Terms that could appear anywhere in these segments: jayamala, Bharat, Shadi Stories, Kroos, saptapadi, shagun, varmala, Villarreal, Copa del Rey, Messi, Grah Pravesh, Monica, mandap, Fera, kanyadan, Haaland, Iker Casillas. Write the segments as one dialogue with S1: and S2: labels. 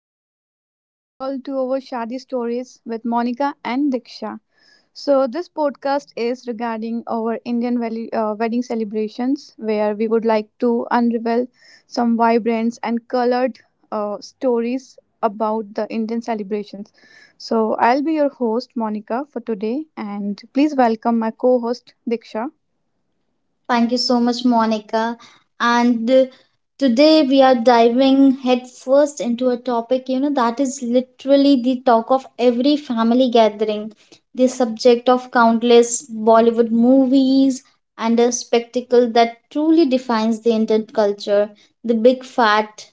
S1: Love to welcome you all to our Shadi Stories with Monica and Diksha. So, this podcast is regarding our Indian wedding celebrations, where we would like to unravel some vibrant and colored stories about the Indian celebrations. So, I'll be your host, Monica, for today, and please welcome my co host, Diksha.
S2: Thank you so much, Monica. And today we are diving headfirst into a topic, that is literally the talk of every family gathering, the subject of countless Bollywood movies, and a spectacle that truly defines the Indian culture, the big fat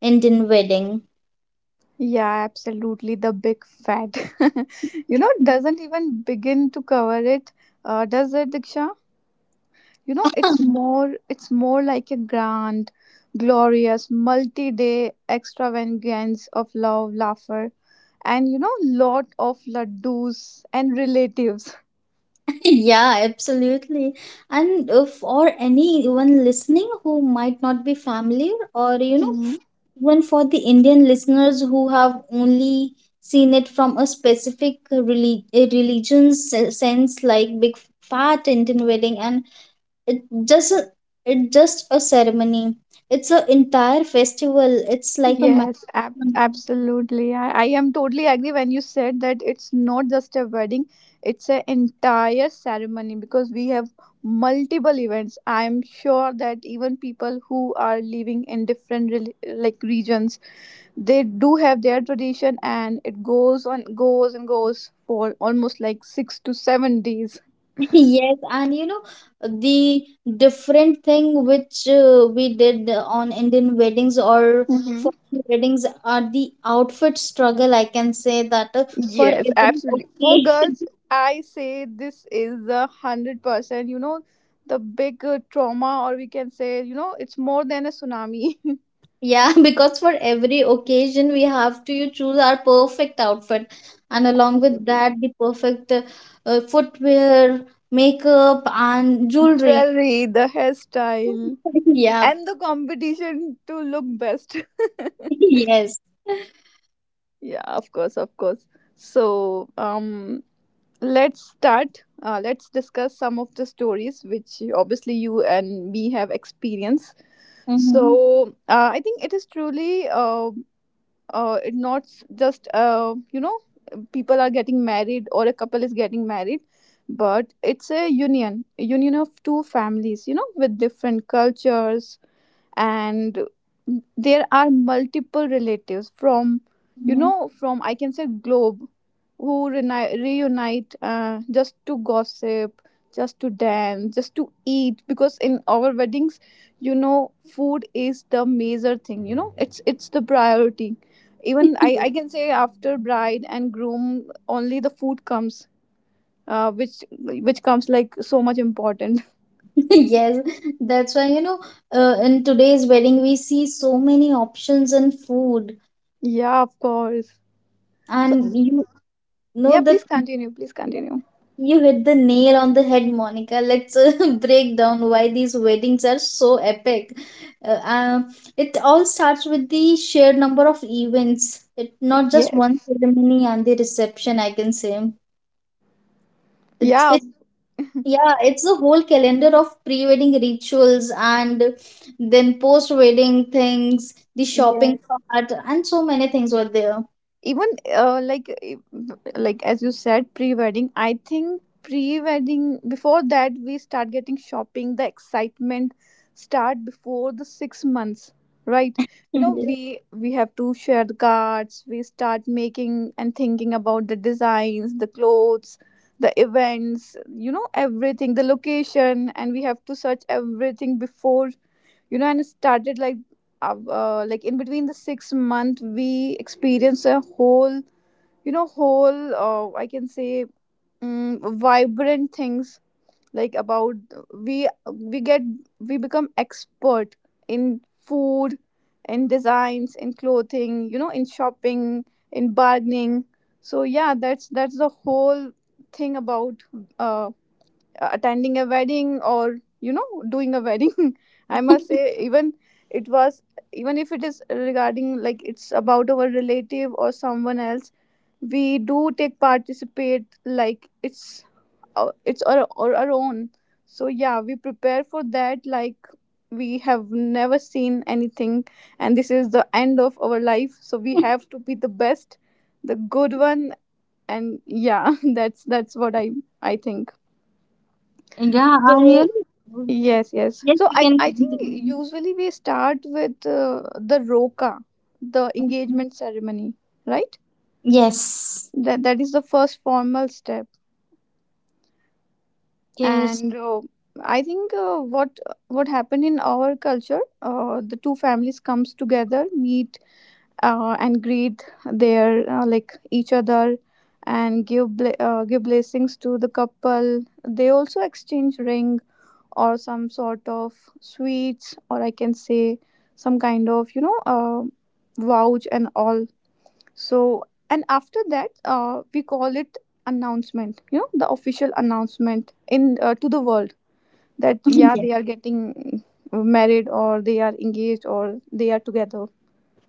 S2: Indian wedding.
S1: Yeah, absolutely. The big fat, doesn't even begin to cover it, does it, Diksha? You know, it's more like a grand, glorious, multi-day extravagance of love, laughter, and you know, lot of laddus and relatives.
S2: Yeah, absolutely. And for anyone listening who might not be familiar, or you know, even for the Indian listeners who have only seen it from a specific religion sense, like big fat Indian wedding, and it just a- it just a ceremony. It's an entire festival. It's like a marathon.
S1: Yes, absolutely. I am totally agree when you said that it's not just a wedding, it's an entire ceremony because we have multiple events. I'm sure that even people who are living in different like regions, they do have their tradition and it goes on goes and goes for almost like 6 to 7 days.
S2: Yes, and you know, the different thing which we did on Indian weddings, or for weddings, are the outfit struggle. I can say that for
S1: Yes,
S2: every,
S1: absolutely. For
S2: okay.
S1: girls, I say this is 100%. You know, the big trauma, or we can say, you know, it's more than a tsunami.
S2: Yeah, because for every occasion we have to you choose our perfect outfit, and along with
S1: Okay.
S2: that, the perfect footwear, makeup, and jewelry.
S1: Jewelry, the hairstyle,
S2: Yeah,
S1: and the competition to look best.
S2: yes.
S1: Yeah, of course, of course. So, let's start. Let's discuss some of the stories which obviously you and me have experienced.
S2: Mm-hmm.
S1: So I think it is truly it's not just, you know, people are getting married or a couple is getting married, but it's a union, a union of two families, you know, with different cultures. And there are multiple relatives from, you know, from I can say globe, who reunite just to gossip, just to dance, just to eat. Because in our weddings, you know, food is the major thing. You know, it's the priority. Even I can say after bride and groom only the food comes, which comes like so much important.
S2: Yes, that's why you know, in today's wedding, we see so many options in food,
S1: Yeah, of course. So
S2: and you
S1: yeah,
S2: know that,
S1: please continue.
S2: you hit the nail on the head, Monica. Let's break down why these weddings are so epic. It all starts with the sheer number of events. It not just one
S1: Yes.
S2: ceremony and the reception. I can say it's
S1: Yeah.
S2: it. Yeah, it's a whole calendar of pre-wedding rituals and then post-wedding things, the shopping
S1: Yes.
S2: part, and so many things were there.
S1: Even uh, like eh, like as you said, pre-wedding. I think pre-wedding. Before that, we start getting shopping. The excitement start before the 6 months, right? You know,
S2: Yeah,
S1: we have to share the cards. We start making and thinking about the designs, the clothes, the events. You know, everything, the location, and we have to search everything before, you know. And it started like, like in between the 6 month we experienced a whole, you know, whole, I can say, um, vibrant things. Like about, we we get, we become expert in food, in designs, in clothing, you know, in shopping, in bargaining. So yeah, that's the whole thing about uh, attending a wedding, or you know, doing a wedding. I must say, even it was, even if it is regarding like it's about our relative or someone else, we do take participate. Like it's our own. So yeah, we prepare for that. Like we have never seen anything and this is the end of our life, so we have to be the best, the good one. And yeah, that's what I think.
S2: and really,
S1: So yes, yes.
S2: yes,
S1: So
S2: we
S1: I
S2: can.
S1: I think
S2: Continue.
S1: usually we start with the roka, the engagement ceremony, right?
S2: Yes.
S1: That that is the first formal step.
S2: Yes,
S1: And I think, what happened in our culture, the two families comes together, meet, and greet their, like each other, and give give blessings to the couple. They also exchange ring or some sort of sweets, or I can say some kind of, you know, vouch and all. So and after that, we call it announcement. You know, the official announcement in, to the world, that yeah,
S2: yeah,
S1: they are getting married, or they are engaged, or they are together.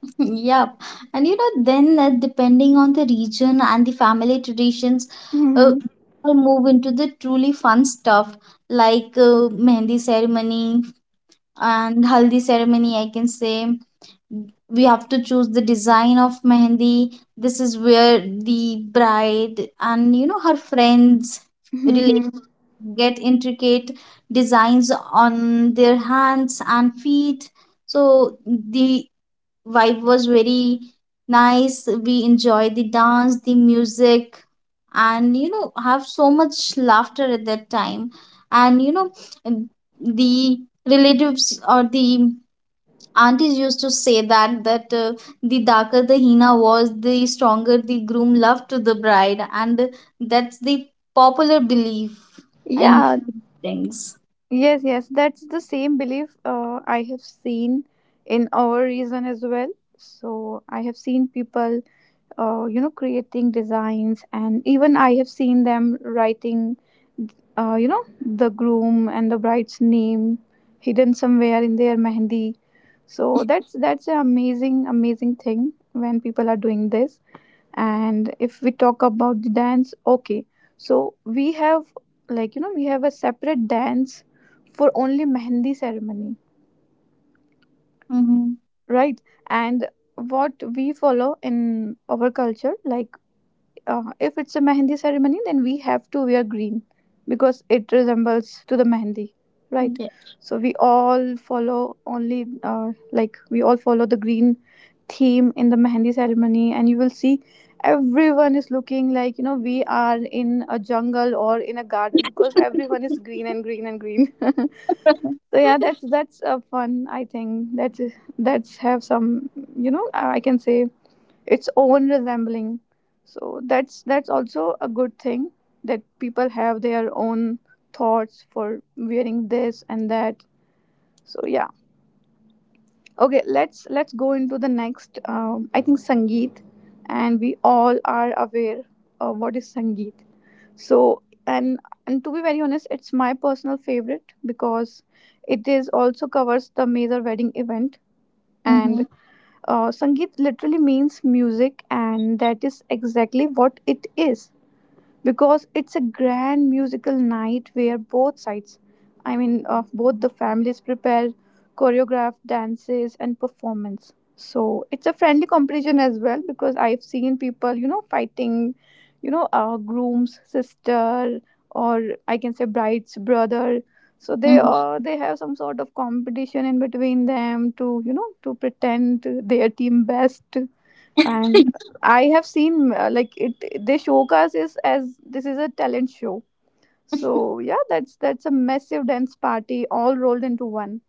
S2: yep. And you know, then depending on the region and the family traditions, uh,
S1: Hmm.
S2: we'll move into the truly fun stuff like mehndi ceremony and haldi ceremony. I can say we have to choose the design of mehndi. This is where the bride and you know her friends really
S1: Hmm.
S2: get intricate designs on their hands and feet. So the vibe was very nice. We enjoyed the dance, the music, and you know, have so much laughter at that time. And you know, the relatives or the aunties used to say that the darker the hina was, the stronger the groom love to the bride, and that's the popular belief in
S1: Yeah,
S2: things.
S1: yes, yes. That's the same belief I have seen in our region as well. So I have seen people, you know, creating designs, and even I have seen them writing, you know, the groom and the bride's name hidden somewhere in their mehndi. So that's an amazing amazing thing when people are doing this. And if we talk about the dance, okay, so we have, like, you know, we have a separate dance for only mehndi ceremony,
S2: Mm-hmm.
S1: right? And what we follow in our culture, like, if it's a mehndi ceremony, then we have to wear green because it resembles to the mehndi, right?
S2: Yeah.
S1: So we all follow only, like we all follow the green theme in the mehndi ceremony, and you will see everyone is looking like, you know, we are in a jungle or in a garden because everyone is green and green and green. So yeah, that's a fun. I think that's have some, you know, I can say, its own resembling. So that's also a good thing, that people have their own thoughts for wearing this and that. So yeah, okay, let's go into the next, I think sangeet. And we all are aware of what is sangeet. So and to be very honest, it's my personal favorite because it is also covers the major wedding event.
S2: Mm-hmm.
S1: And Sangeet literally means music, and that is exactly what it is, because it's a grand musical night where both sides, both the families prepare choreographed dances and performance. So it's a friendly competition as well, because I've seen people, you know, fighting, you know, groom's sister, or I can say bride's brother. So they,
S2: Mm-hmm.
S1: they have some sort of competition in between them, to, you know, to pretend their team best. And I have seen, like it they showcase is as this is a talent show. So yeah, that's a massive dance party all rolled into one.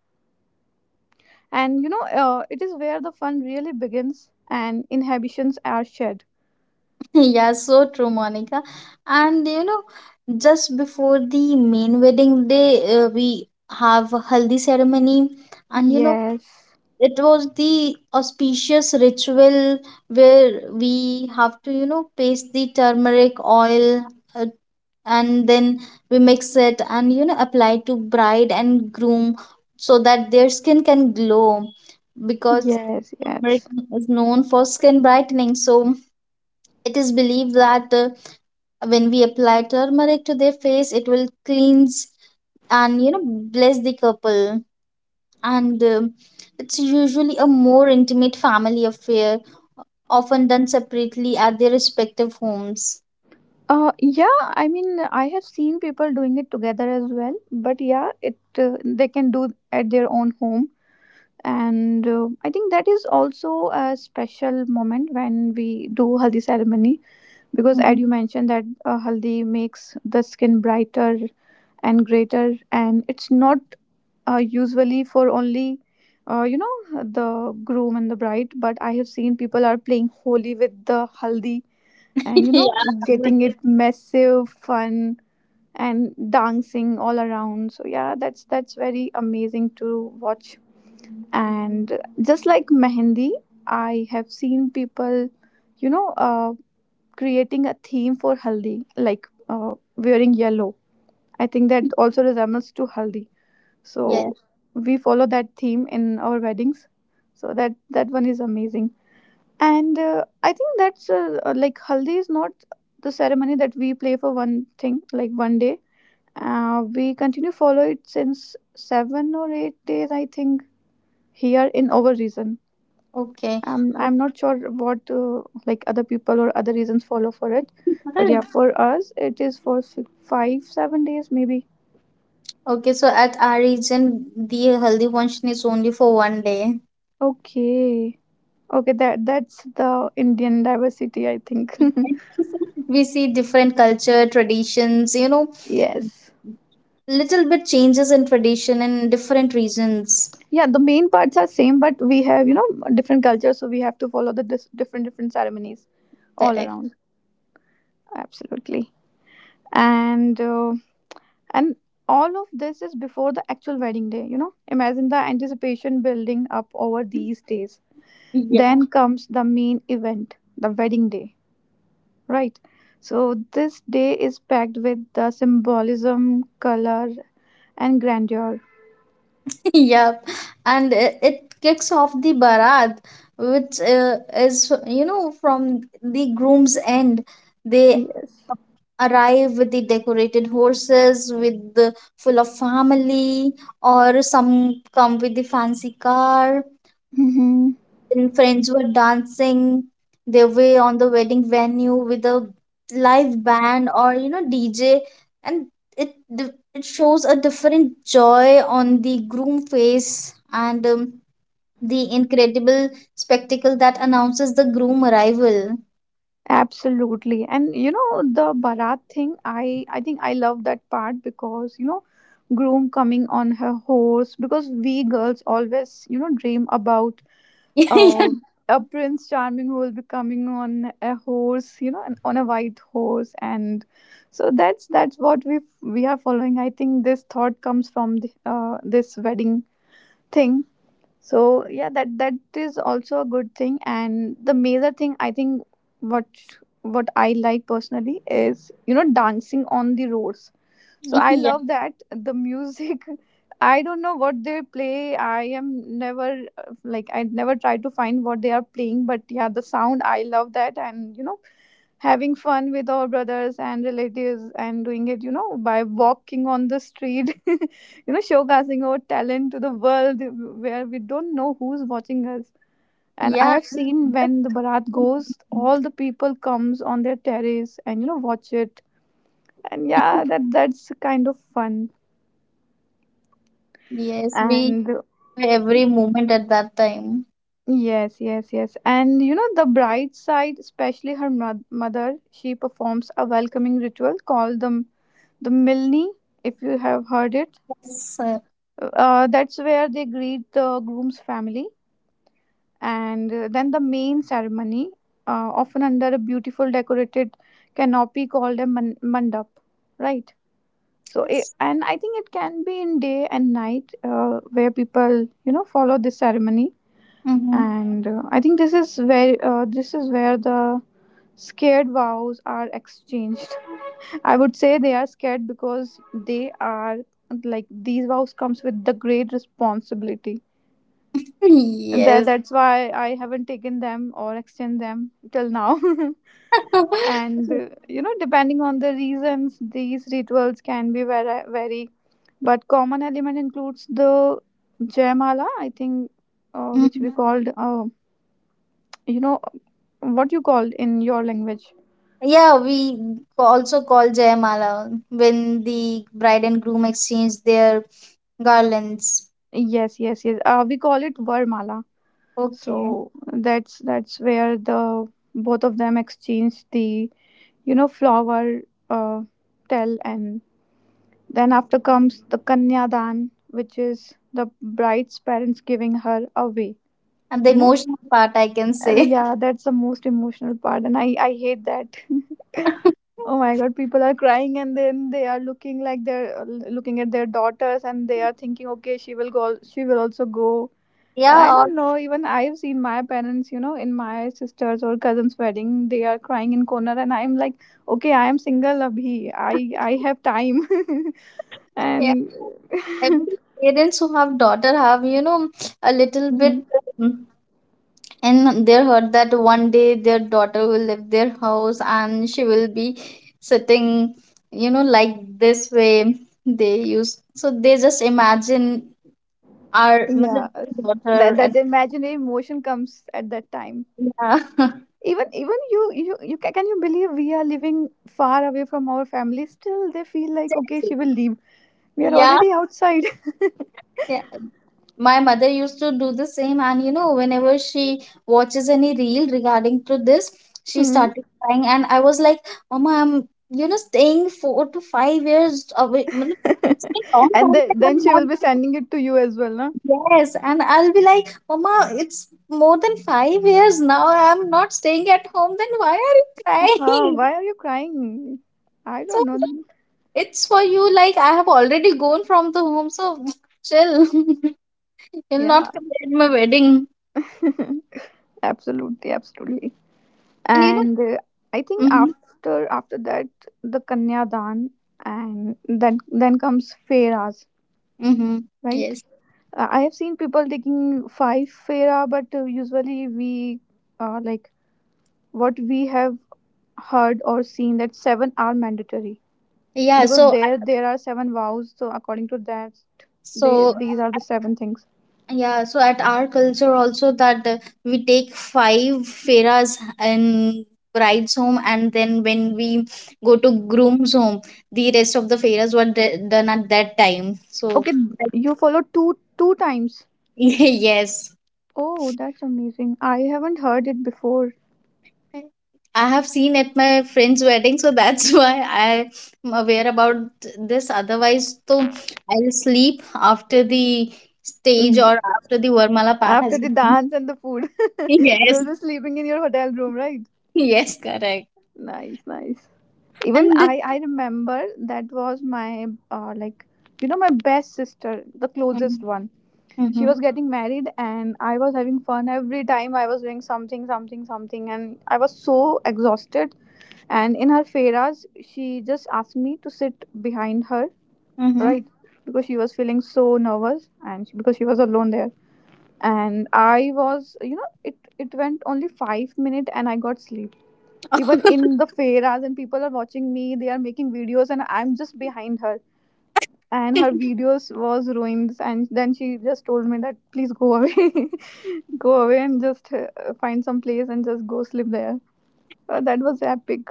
S1: And you know, it is where the fun really begins and inhibitions are shed.
S2: Yeah, so true, Monica. And you know, just before the main wedding day, we have a haldi ceremony, and you know,
S1: Yes,
S2: it was the auspicious ritual where we have to, you know, paste the turmeric oil, uh, and then we mix it and you know, apply to bride and groom so that their skin can glow because
S1: yes.
S2: turmeric
S1: Yes,
S2: is known for skin brightening. So it is believed that. When we apply turmeric to their face, it will cleanse and you know bless the couple. And it's usually a more intimate family affair, often done separately at their respective homes.
S1: yeah, I mean, I have seen people doing it together as well, but yeah, it, they can do at their own home. And I think that is also a special moment when we do haldi ceremony, because as
S2: Mhm.
S1: you mentioned that, haldi makes the skin brighter and greater. And it's not usually for only, you know, the groom and the bride, but I have seen people are playing holy with the haldi, and you
S2: Yeah.
S1: know,
S2: but
S1: getting it
S2: it-
S1: massive fun, and dancing all around. So yeah, that's very amazing to watch. And just like mehendi, I have seen people, you know, creating a theme for haldi, like, wearing yellow. I think that also resembles to haldi. So
S2: Yes.
S1: we follow that theme in our weddings. So that that one is amazing. And I think that's, like haldi is not the ceremony that we play for one thing, like one day. We continue follow it since 7 or 8 days, I think, here in our region.
S2: Okay. But
S1: I'm not sure what, like other people or other reasons follow for it, but yeah, for us it is for 5 7 days maybe.
S2: okay. So at our region, the haldi function is only for one day.
S1: Okay. Okay, that that's the Indian diversity, I think.
S2: Yes. We see different culture traditions. You know,
S1: Yes.
S2: little bit changes in tradition in different regions.
S1: Yeah, the main parts are same, but we have, you know, different cultures, so we have to follow the different different ceremonies all
S2: Correct.
S1: around. Absolutely. And and all of this is before the actual wedding day. You know, imagine the anticipation building up over these days.
S2: Yeah.
S1: Then comes the main event, the wedding day, right? So, this day is packed with the symbolism, color, and grandeur.
S2: Yep, and it kicks off the barat, which is you know from the groom's end. They
S1: Yes.
S2: arrive with the decorated horses, with the full of family, or some come with the fancy car,
S1: Mm-hmm.
S2: and friends were dancing their way on the wedding venue with a live band or you know DJ, and it shows a different joy on the groom face and the incredible spectacle that announces the groom arrival.
S1: Absolutely. And you know, the Bharat thing, I think I love that part because, you know, groom coming on her horse, because we girls always, you know, dream about,
S2: Yeah,
S1: Uh, a prince charming who will be coming on a horse, you know, and on a white horse. And so that's what we are following. I think this thought comes from the, this wedding thing. So yeah, that that is also a good thing. And the major thing, I think, what what I like personally is, you know, dancing on the roads. So I
S2: yeah,
S1: love that the music. I don't know what they play. I am never, like I never try to find what they are playing, but yeah, the sound I love that. And you know, having fun with our brothers and relatives and doing it, you know, by walking on the street, you know, showcasing our talent to the world, where we don't know who's watching us. And I
S2: yeah.
S1: have seen when the Bharat goes, all the people comes on their terrace and you know watch it. And yeah, that that's kind of fun.
S2: Yes, we
S1: And
S2: enjoy every moment at that time.
S1: yes yes yes and you know the bride side, especially her mother, she performs a welcoming ritual called the milne, if you have heard it.
S2: Yes,
S1: That's where they greet the groom's family. And then the main ceremony, often under a beautiful decorated canopy called a mandap, right? So it,
S2: yes.
S1: and I think it can be in day and night, where people, you know, follow this ceremony.
S2: Mhm.
S1: And I think this is where the scared vows are exchanged. I would say they are scared because they are, like, these vows comes with the great responsibility. And that
S2: Yes.
S1: that's why I haven't taken them or exchanged them till now. And you know, depending on the reasons, these rituals can be very, but common element includes the jayamala, I think, which we
S2: Mhm.
S1: called, you know. What you call in your language?
S2: Yeah, we also call Jayamala when the bride and groom exchange their garlands.
S1: Yes, yes, yes, we call it varmala.
S2: Okay.
S1: So that's where the both of them exchange the, you know, flower uh, tell. And then after comes the kanyadan, which is the bride's parents giving her away.
S2: And the
S1: You know.
S2: emotional part, I can say.
S1: Yeah, that's the most emotional part, and I hate that. Oh my god, people are crying, and then they are looking like they're, looking at their daughters, and they are thinking, okay, she will go, she will also go.
S2: Yeah,
S1: And I
S2: all,
S1: don't know, even I've seen my parents, you know, in my sister's or cousin's wedding, they are crying in corner, and I'm like, okay, I am single abhi. I have time.
S2: yeah.
S1: And
S2: Every parents who have daughter have, you know, a little
S1: Mhm.
S2: bit um, in their heart that one day their daughter will leave their house and she will be sitting, you know, like this way they use. So they just imagine our
S1: Yeah,
S2: matlab daughter
S1: that
S2: and
S1: that imaginary emotion comes at that time.
S2: yeah.
S1: Even you you, you ca- can you believe we are living far away from our family, still they feel like, okay, she will leave. We are
S2: Yeah,
S1: already outside.
S2: yeah. My mother used to do the same, and you know, whenever she watches any reel regarding to this, she
S1: Hmm.
S2: started crying, and I was like, "Mama, I'm you know staying 4 to 5 years away. Matlab, it's been long
S1: And
S2: time
S1: the,
S2: that
S1: then
S2: I'm
S1: she
S2: not."
S1: will be sending it to you as well, no?
S2: Yes, and I'll be like, "Mama, it's more than 5 years now. I'm not staying at home. Then why are you
S1: Huh,
S2: crying?"
S1: why are you crying? I
S2: So
S1: don't know.
S2: it's for you, like I have already gone from the home, so chill. You'll not
S1: Yeah.
S2: come at my wedding.
S1: Absolutely, absolutely.
S2: And you know,
S1: And I think
S2: mm-hmm,
S1: after that the kanyadan, and then comes feras,
S2: mm-hmm,
S1: right?
S2: yes.
S1: I have seen people taking five Fera, but usually we, like, what we have heard or seen, that seven are mandatory,
S2: Yeah,
S1: because
S2: so I-
S1: there are seven vows. So according to that, they,
S2: so
S1: these are the seven things.
S2: yeah, so at our culture also that we take five feras in bride's home, and then when we go to groom's home, the rest of the feras were d done at that time. So
S1: Okay,
S2: that,
S1: you follow two times.
S2: yes.
S1: Oh, that's amazing! I haven't heard it before.
S2: I have seen at my friend's wedding, so that's why I am aware about this. Otherwise, so I'll sleep after the stage
S1: Mm.
S2: or after the Varmala part
S1: After
S2: has
S1: the
S2: been.
S1: dance and the food, you
S2: Yes,
S1: will be sleeping in your hotel room, right?
S2: yes, correct.
S1: Nice, nice. Even
S2: And this,
S1: I remember that was my, like, you know, my best sister, the closest
S2: mm-hmm,
S1: one. She
S2: mm-hmm,
S1: was getting married, and I was having fun. Every time I was doing something, and I was so exhausted. And in her feras, she just asked me to sit behind her, right?
S2: mm-hmm.
S1: Because she was feeling so nervous, and she, because she was alone there. And I was, you know, it went only 5 minutes and I got sleep, even in the fairas, and people are watching me, they are making videos, and I'm just behind her. And her videos was ruined, and then she just told me that please go away. Go away and just find some place and just go sleep there. That was epic.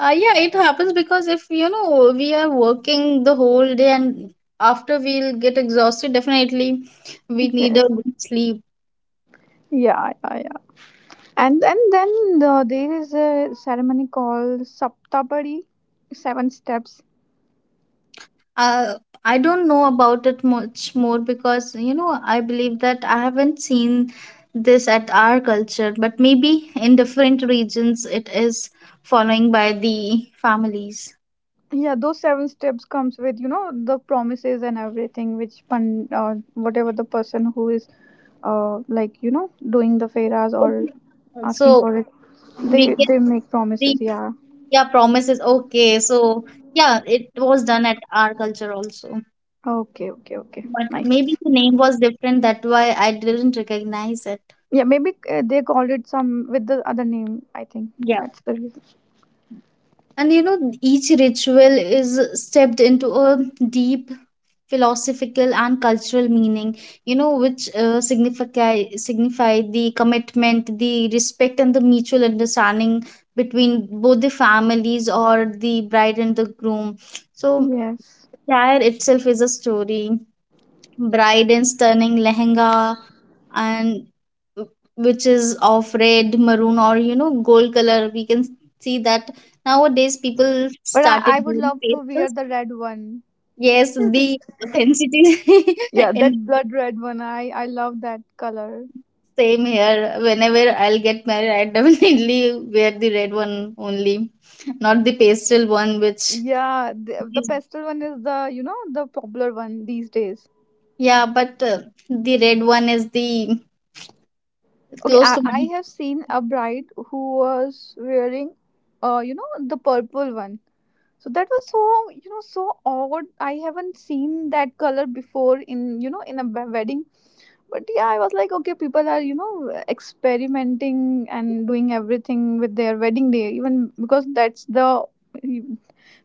S2: Yeah, it happens because if you know we are working the whole day and after we'll get exhausted, definitely we need a
S1: Yes.
S2: good sleep.
S1: Yeah, yeah, yeah. And then there is a ceremony called saptapadi, seven steps.
S2: Uh, I don't know about it much more because you know I believe that I haven't seen this at our culture, but maybe in different regions it is following by the families.
S1: Yeah, those seven steps comes with, you know, the promises and everything, which pan, whatever the person who is, like, you know, doing the feras or
S2: Okay.
S1: asking
S2: So
S1: for it, they
S2: we get
S1: they make
S2: the
S1: promises, yeah.
S2: yeah promises. Okay, so yeah, it was done at our culture also,
S1: Okay, okay, okay,
S2: but
S1: nice.
S2: maybe the name was different. That's why I didn't recognize it.
S1: Yeah, maybe they called it some with the other name, I think
S2: Yeah.
S1: that's the reason.
S2: And you know, each ritual is stepped into a deep philosophical and cultural meaning, you know, which signify the commitment, the respect, and the mutual understanding between both the families or the bride and the groom. So
S1: Yes.
S2: attire itself is a story, bride in stunning lehenga, and which is of red maroon or you know gold color. We can see that nowadays people
S1: But i
S2: started
S1: i would
S2: wearing
S1: love to wear
S2: pastels.
S1: the red one.
S2: Yes, the authenticity.
S1: Yeah, that
S2: And
S1: blood red one, I love that color.
S2: same here. Whenever I'll get married, I definitely wear the red one only, not the pastel one, which
S1: Yeah, the
S2: is,
S1: pastel one is the, you know, the popular one these days.
S2: yeah, but the red one is the
S1: Okay,
S2: close
S1: I,
S2: to
S1: I
S2: my
S1: have seen a bride who was wearing, you know, the purple one. So that was so, you know, so odd. I haven't seen that color before in, you know, in a wedding. But yeah, I was like, okay, people are, you know, experimenting and doing everything with their wedding day, even because that's the,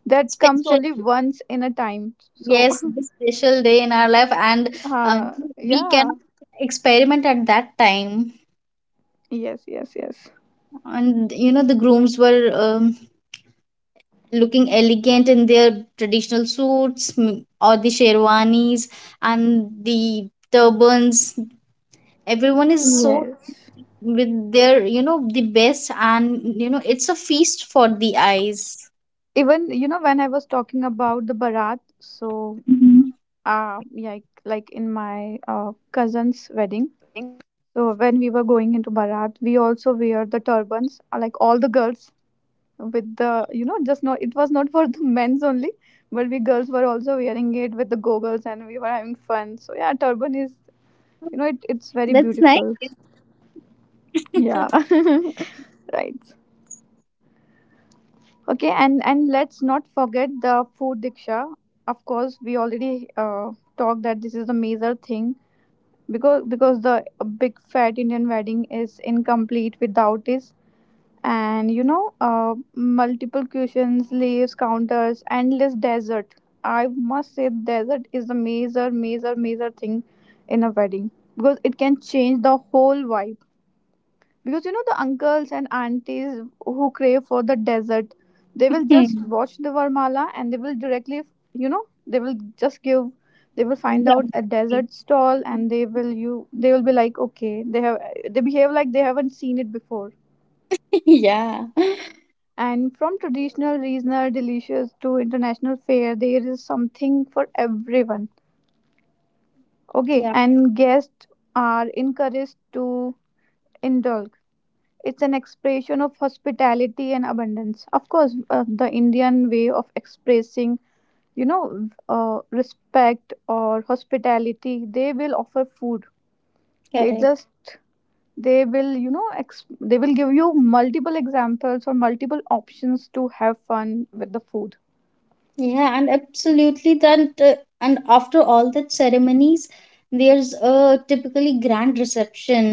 S1: that comes
S2: special,
S1: only once in a time. So,
S2: yes, the special day in our life, and uh, we cannot
S1: yeah.
S2: experiment at that time.
S1: Yes, yes, yes.
S2: And you know, the grooms were looking elegant in their traditional suits, or the sherwanis and the turbans. Everyone is so
S1: Yes.
S2: with their you know the best, and you know it's a feast for the eyes.
S1: Even, you know, when I was talking about the barat, so
S2: Mhm.
S1: like in my cousin's wedding. So when we were going into barat, we also wear the turbans, like all the girls with the, you know, just no. It was not for the men's only, but we girls were also wearing it with the goggles, and we were having fun. So yeah, turban is, you know, it, it's very
S2: That's nice.
S1: beautiful. Yeah. Right. Okay, and let's not forget the food, Diksha. Of course, we already talked that this is a major thing, because the big fat Indian wedding is incomplete without this. And you know, uh, multiple cushions, leaves, counters, endless desert. I must say, desert is a major, major, major thing in a wedding, because it can change the whole vibe. Because, you know, the uncles and aunties who crave for the desert, they will just
S2: Hmm.
S1: watch the varmala, and they will directly, you know, they will just give, they will find out a
S2: Yeah.
S1: desert stall, and they will you, they will be like, okay, they have, they behave like they haven't seen it before.
S2: Yeah,
S1: And from traditional regional delicious to international fare, there is something for everyone. Okay,
S2: yeah,
S1: and guests are encouraged to indulge. It's an expression of hospitality and abundance. Of course, the Indian way of expressing, you know, respect or hospitality, they will offer food. They
S2: correct.
S1: just, they will, you know, they will give you multiple examples or multiple options to have fun with the food.
S2: Yeah, and absolutely that and after all that ceremonies, there's a typically grand reception,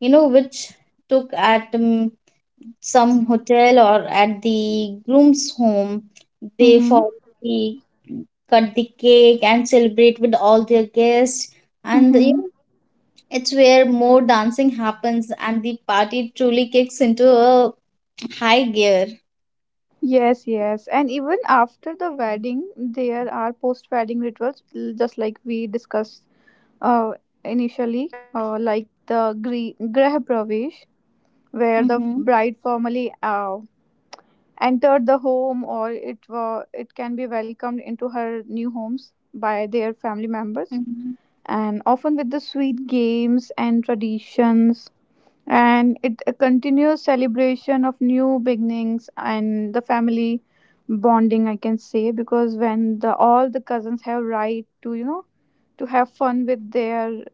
S2: you know, which took at some hotel or at the groom's home. They
S1: Mm-hmm.
S2: follow the cut the cake and celebrate with all their guests. And you
S1: Mm-hmm.
S2: know, it's where more dancing happens and the party truly kicks into a high gear.
S1: Yes, yes, and even after the wedding there are post wedding rituals, just like we discussed, uh, initially, like the Grah Pravesh,
S2: Hmm.
S1: where the bride formally entered the home, or it, wa it can be welcomed into her new homes
S2: Hmm.
S1: by their family members, and often with the sweet games and traditions. And it a continuous celebration of new beginnings and the family bonding, I can say, because when the all the cousins have right to, you know, to have fun with their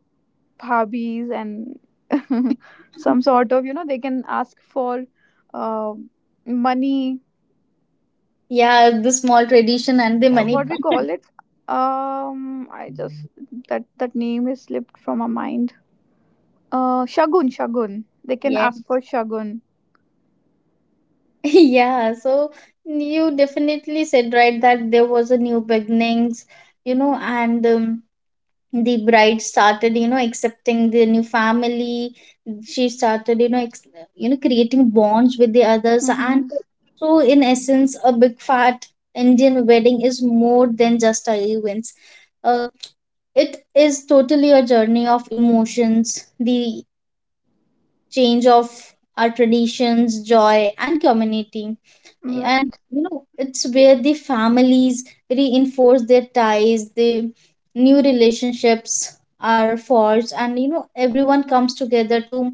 S1: hobbies and some sort of, you know, they can ask for uh, money.
S2: Yeah, the small tradition and the
S1: Uh,
S2: money
S1: what we
S2: part.
S1: call it, um, I just, that that name is slipped from my mind. Uh, shagun, they can
S2: Yeah.
S1: ask for shagun.
S2: Yeah, so you definitely said right that there was a new beginnings, you know, and the bride started you know accepting the new family. She started you know creating bonds with the others. And
S1: Mm-hmm.
S2: so in essence, a big fat Indian wedding is more than just a events. uh, it is totally a journey of emotions, the change of our traditions, joy, and community. And
S1: Right.
S2: you know, it's where the families reinforce their ties, the new relationships are forged, and you know everyone comes together to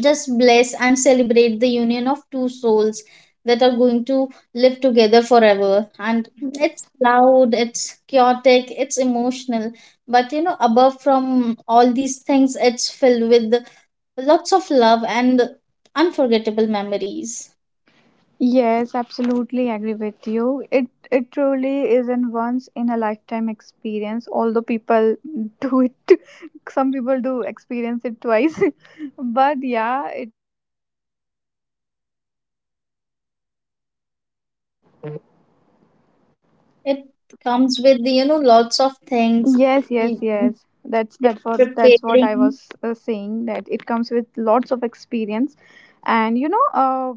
S2: just bless and celebrate the union of two souls that are going to live together forever. And it's
S1: Yes,
S2: loud, it's chaotic, it's emotional, but you know above from all these things, it's filled with lots of love and unforgettable memories.
S1: yes, absolutely agree with you. It truly is an once in a lifetime experience, although people do it, some people do experience it twice. But yeah.
S2: It comes with, you know, lots of things.
S1: Yes, yes,
S2: You-
S1: yes. That's what I
S2: Preparing.
S1: was saying. That it comes with lots of experience, and you know,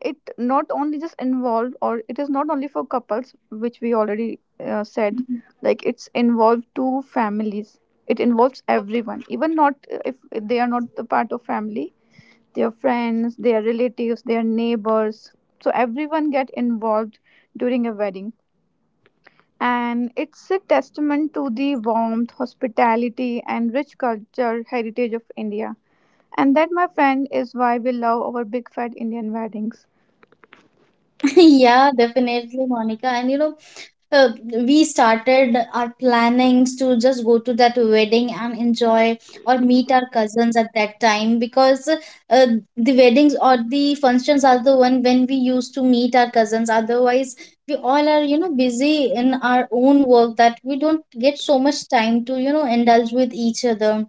S1: it not only just involved, or it is not only for couples, which we already said. Like, it's involved two families. It involves everyone, even not if they are not the part of family, their friends, their relatives, their neighbors. So everyone get involved during a wedding, and it's a testament to the warmth, hospitality, and rich culture heritage of India. And that, my friend, is why we love our big fat Indian weddings.
S2: Yeah, definitely, Monica. And you know, uh, we started our plannings to just go to that wedding and enjoy or meet our cousins at that time because uh, the weddings or the functions are the one when we used to meet our cousins. Otherwise, we all are, you know, busy in our own work that we don't get so much time to, you know, indulge with each other.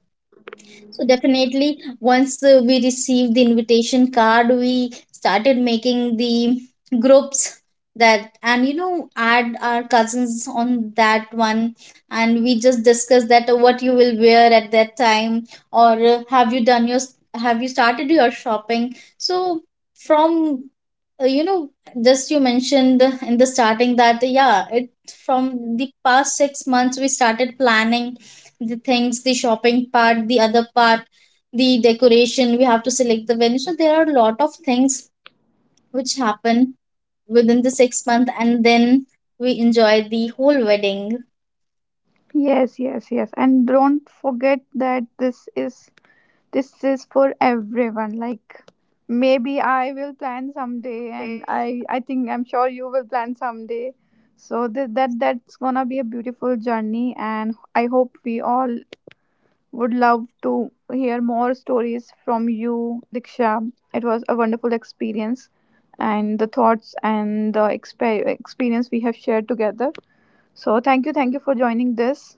S2: So definitely, once we received the invitation card, we started making the groups that, and you know add our cousins on that one. And we just discuss that what you will wear at that time, or have you started your shopping. So from you know, just you mentioned in the starting that yeah it from the past 6 months we started planning the things, the shopping part, the other part, the decoration. We have to select the venue. So there are a lot of things which happen within the 6 month, and then we enjoy the whole wedding.
S1: Yes, yes, yes. And don't forget that this is for everyone. Like, maybe I will plan someday, and I think I'm sure you will plan someday. So that's gonna be a beautiful journey, and I hope we all. Would love to hear more stories from you, Diksha. It was a wonderful experience, and the thoughts and the experience we have shared together. So, thank you for joining this.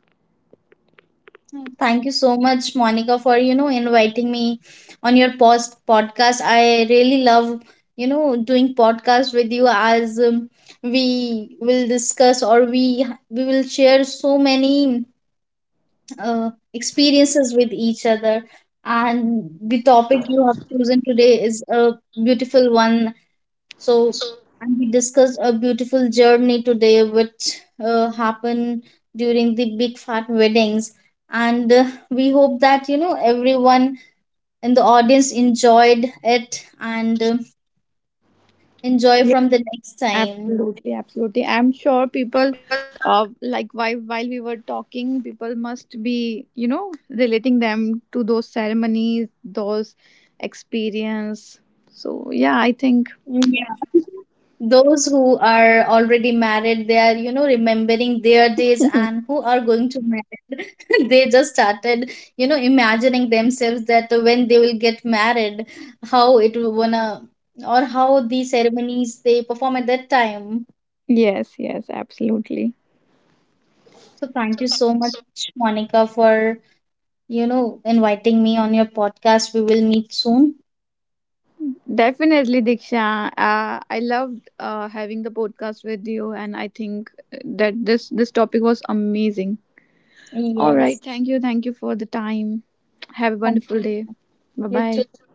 S2: Thank you so much, Monica, for you know inviting me on your post podcast. I really love you know doing podcast with you. As we will discuss, or we will share so many experiences with each other. And the topic you have chosen today is a beautiful one. So, and we discussed a beautiful journey today, which happened during the big fat weddings. And we hope that you know everyone in the audience enjoyed it, and enjoy
S1: Yes.
S2: from the next time.
S1: Absolutely, absolutely. I'm sure people, like, while we were talking, people must be, you know, relating them to those ceremonies, those experience. So yeah, I think.
S2: Yeah. Those who are already married, they are, you know, remembering their days, and who are going to marry. They just started, you know, imagining themselves that when they will get married, how it will wanna or how the ceremonies they perform at that time.
S1: Yes, yes, absolutely.
S2: So thank you so much, Monica, for, you know, inviting me on your podcast. We will meet soon.
S1: Definitely, Diksha. I loved having the podcast with you, and I think that this topic was amazing. All
S2: Yes.
S1: right, thank you for the time. Have a
S2: Thank
S1: wonderful day.
S2: you.
S1: Bye
S2: You too.
S1: bye.